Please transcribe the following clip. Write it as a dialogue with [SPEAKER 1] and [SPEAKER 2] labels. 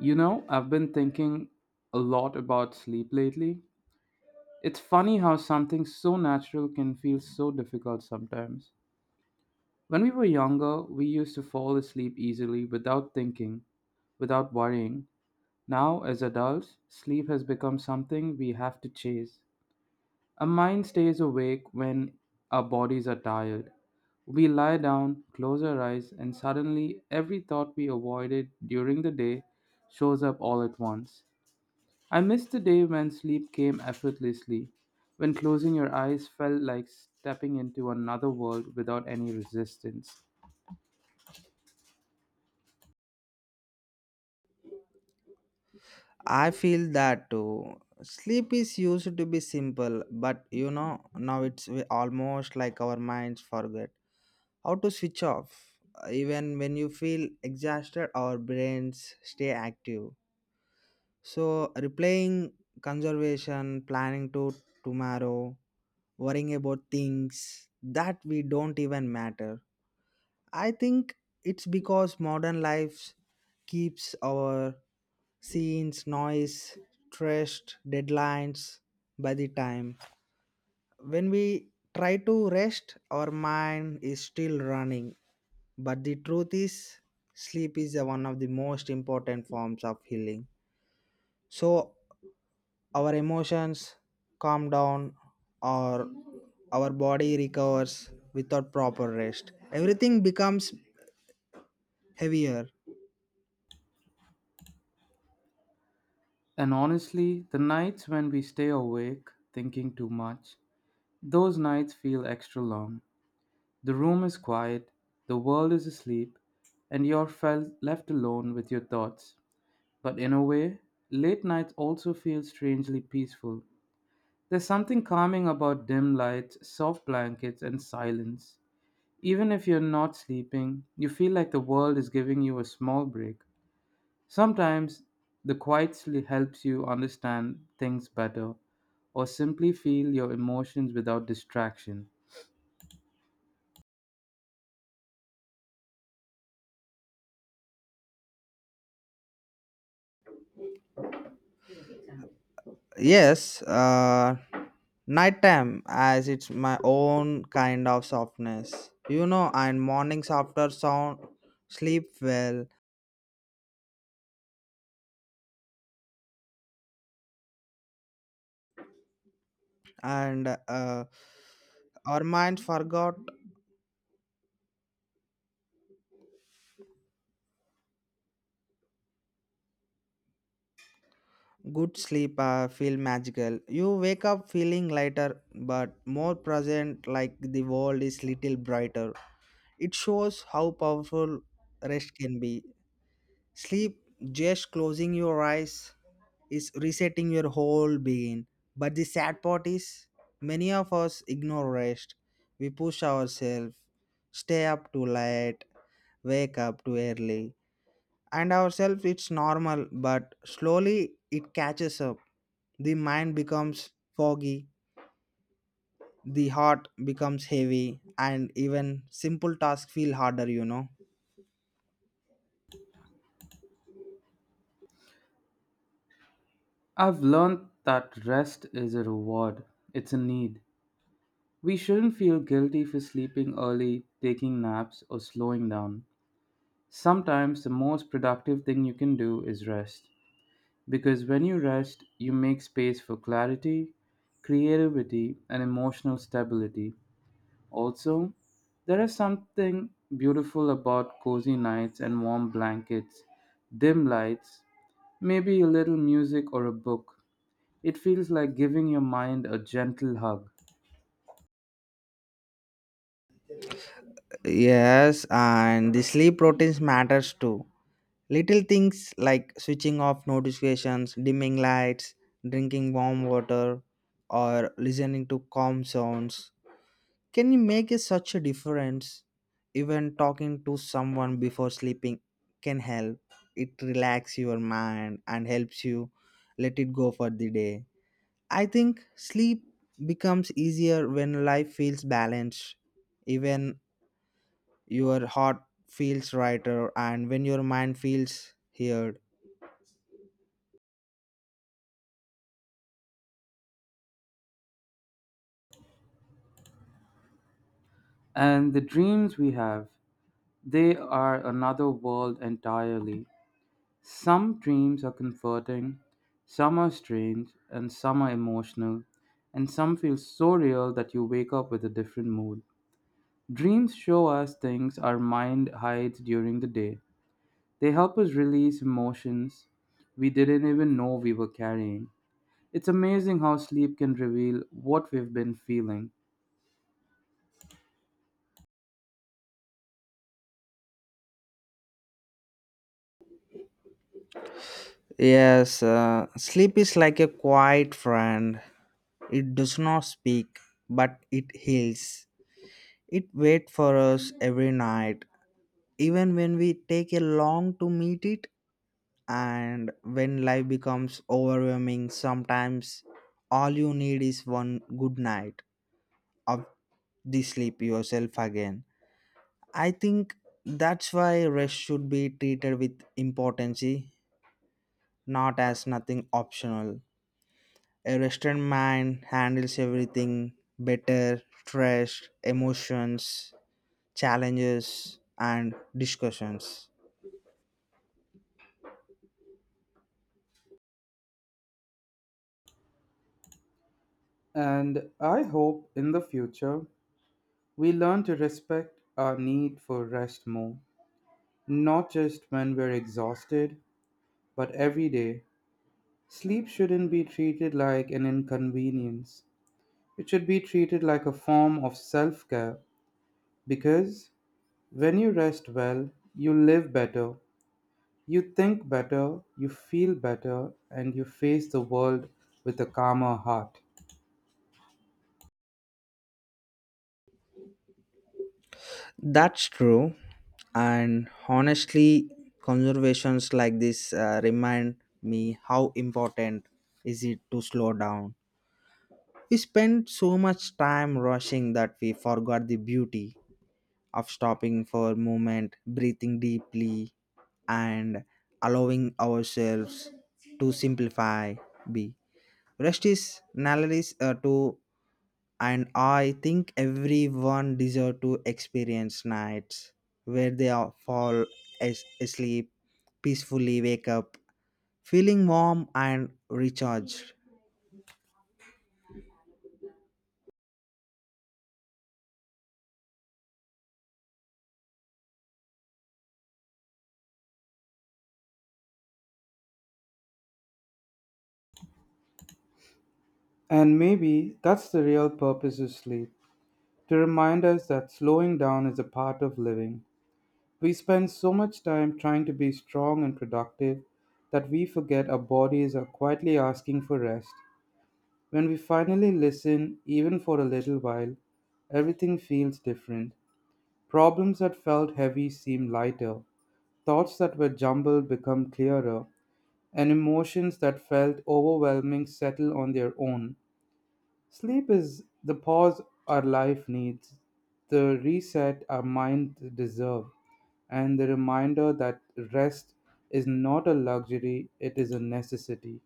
[SPEAKER 1] You know, I've been thinking a lot about sleep lately. It's funny how something so natural can feel so difficult sometimes. When we were younger, we used to fall asleep easily without thinking, without worrying. Now, as adults, sleep has become something we have to chase. Our mind stays awake when our bodies are tired. We lie down, close our eyes, and suddenly every thought we avoided during the day shows up all at once. I miss the day when sleep came effortlessly, when closing your eyes felt like stepping into another world without any resistance.
[SPEAKER 2] I feel that too. Sleep is used to be simple, but you know, now it's almost like our minds forget how to switch off. Even when you feel exhausted, our brains stay active. So, replaying conservation, planning to tomorrow, worrying about things that we don't even matter. I think it's because modern life keeps our scenes, noise, stressed, deadlines by the time. When we try to rest, our mind is still running. But the truth is, sleep is the one of the most important forms of healing. So, our emotions calm down, or our body recovers without proper rest. Everything becomes heavier.
[SPEAKER 1] And honestly, the nights when we stay awake thinking too much, those nights feel extra long. The room is quiet, the world is asleep, and you're felt left alone with your thoughts. But in a way, late nights also feel strangely peaceful. There's something calming about dim lights, soft blankets, and silence. Even if you're not sleeping, you feel like the world is giving you a small break. Sometimes the quiet sleep helps you understand things better or simply feel your emotions without distraction.
[SPEAKER 2] Yes, nighttime as it's my own kind of softness. You know, and mornings after sound sleep well, and our minds forgot good sleep. Feel magical. You wake up feeling lighter, but more present. Like the world is little brighter. It shows how powerful rest can be. Sleep, just closing your eyes, is resetting your whole being. But the sad part is, many of us ignore rest. We push ourselves, stay up too late, wake up too early. And ourselves, it's normal, but slowly it catches up. The mind becomes foggy, the heart becomes heavy, and even simple tasks feel harder, you know.
[SPEAKER 1] I've learned that rest is a reward, it's a need. We shouldn't feel guilty for sleeping early, taking naps, or slowing down. Sometimes the most productive thing you can do is rest. Because when you rest, you make space for clarity, creativity, and emotional stability. Also, there is something beautiful about cozy nights and warm blankets, dim lights, maybe a little music or a book. It feels like giving your mind a gentle hug.
[SPEAKER 2] Yes, and the sleep routines matters too. Little things like switching off notifications, dimming lights, drinking warm water, or listening to calm sounds can make such a difference. Even talking to someone before sleeping can help. It relaxes your mind and helps you let it go for the day. I think sleep becomes easier when life feels balanced. Even your heart feels lighter and when your mind feels heard.
[SPEAKER 1] And the dreams we have, they are another world entirely. Some dreams are comforting, some are strange, and some are emotional, and some feel so real that you wake up with a different mood. Dreams show us things our mind hides during the day. They help us release emotions we didn't even know we were carrying. It's amazing how sleep can reveal what we've been feeling.
[SPEAKER 2] Yes, sleep is like a quiet friend. It does not speak, but it heals. It waits for us every night, even when we take a long to meet it, and when life becomes overwhelming. Sometimes, all you need is one good night of the sleep yourself again. I think that's why rest should be treated with importance, not as nothing optional. A restaurant man handles everything better stress, emotions, challenges, and discussions.
[SPEAKER 1] And I hope in the future we learn to respect our need for rest more, not just when we're exhausted, but every day. Sleep shouldn't be treated like an inconvenience. It should be treated like a form of self care because when you rest well, you live better, you think better, you feel better, and you face the world with a calmer heart.
[SPEAKER 2] That's true. And honestly, conversations like this remind me how important is it to slow down. We spend so much time rushing that we forgot the beauty of stopping for moment, breathing deeply, and allowing ourselves to simplify. Be. Rest is analysis to, and I think everyone deserve to experience nights where they are fall asleep, peacefully wake up, feeling warm and recharged.
[SPEAKER 1] And maybe that's the real purpose of sleep to remind us that slowing down is a part of living. We spend so much time trying to be strong and productive that we forget our bodies are quietly asking for rest. When we finally listen, even for a little while, everything feels different. Problems that felt heavy seem lighter, thoughts that were jumbled become clearer, and emotions that felt overwhelming settle on their own. Sleep is the pause our life needs, the reset our mind deserve, and the reminder that rest is not a luxury, it is a necessity.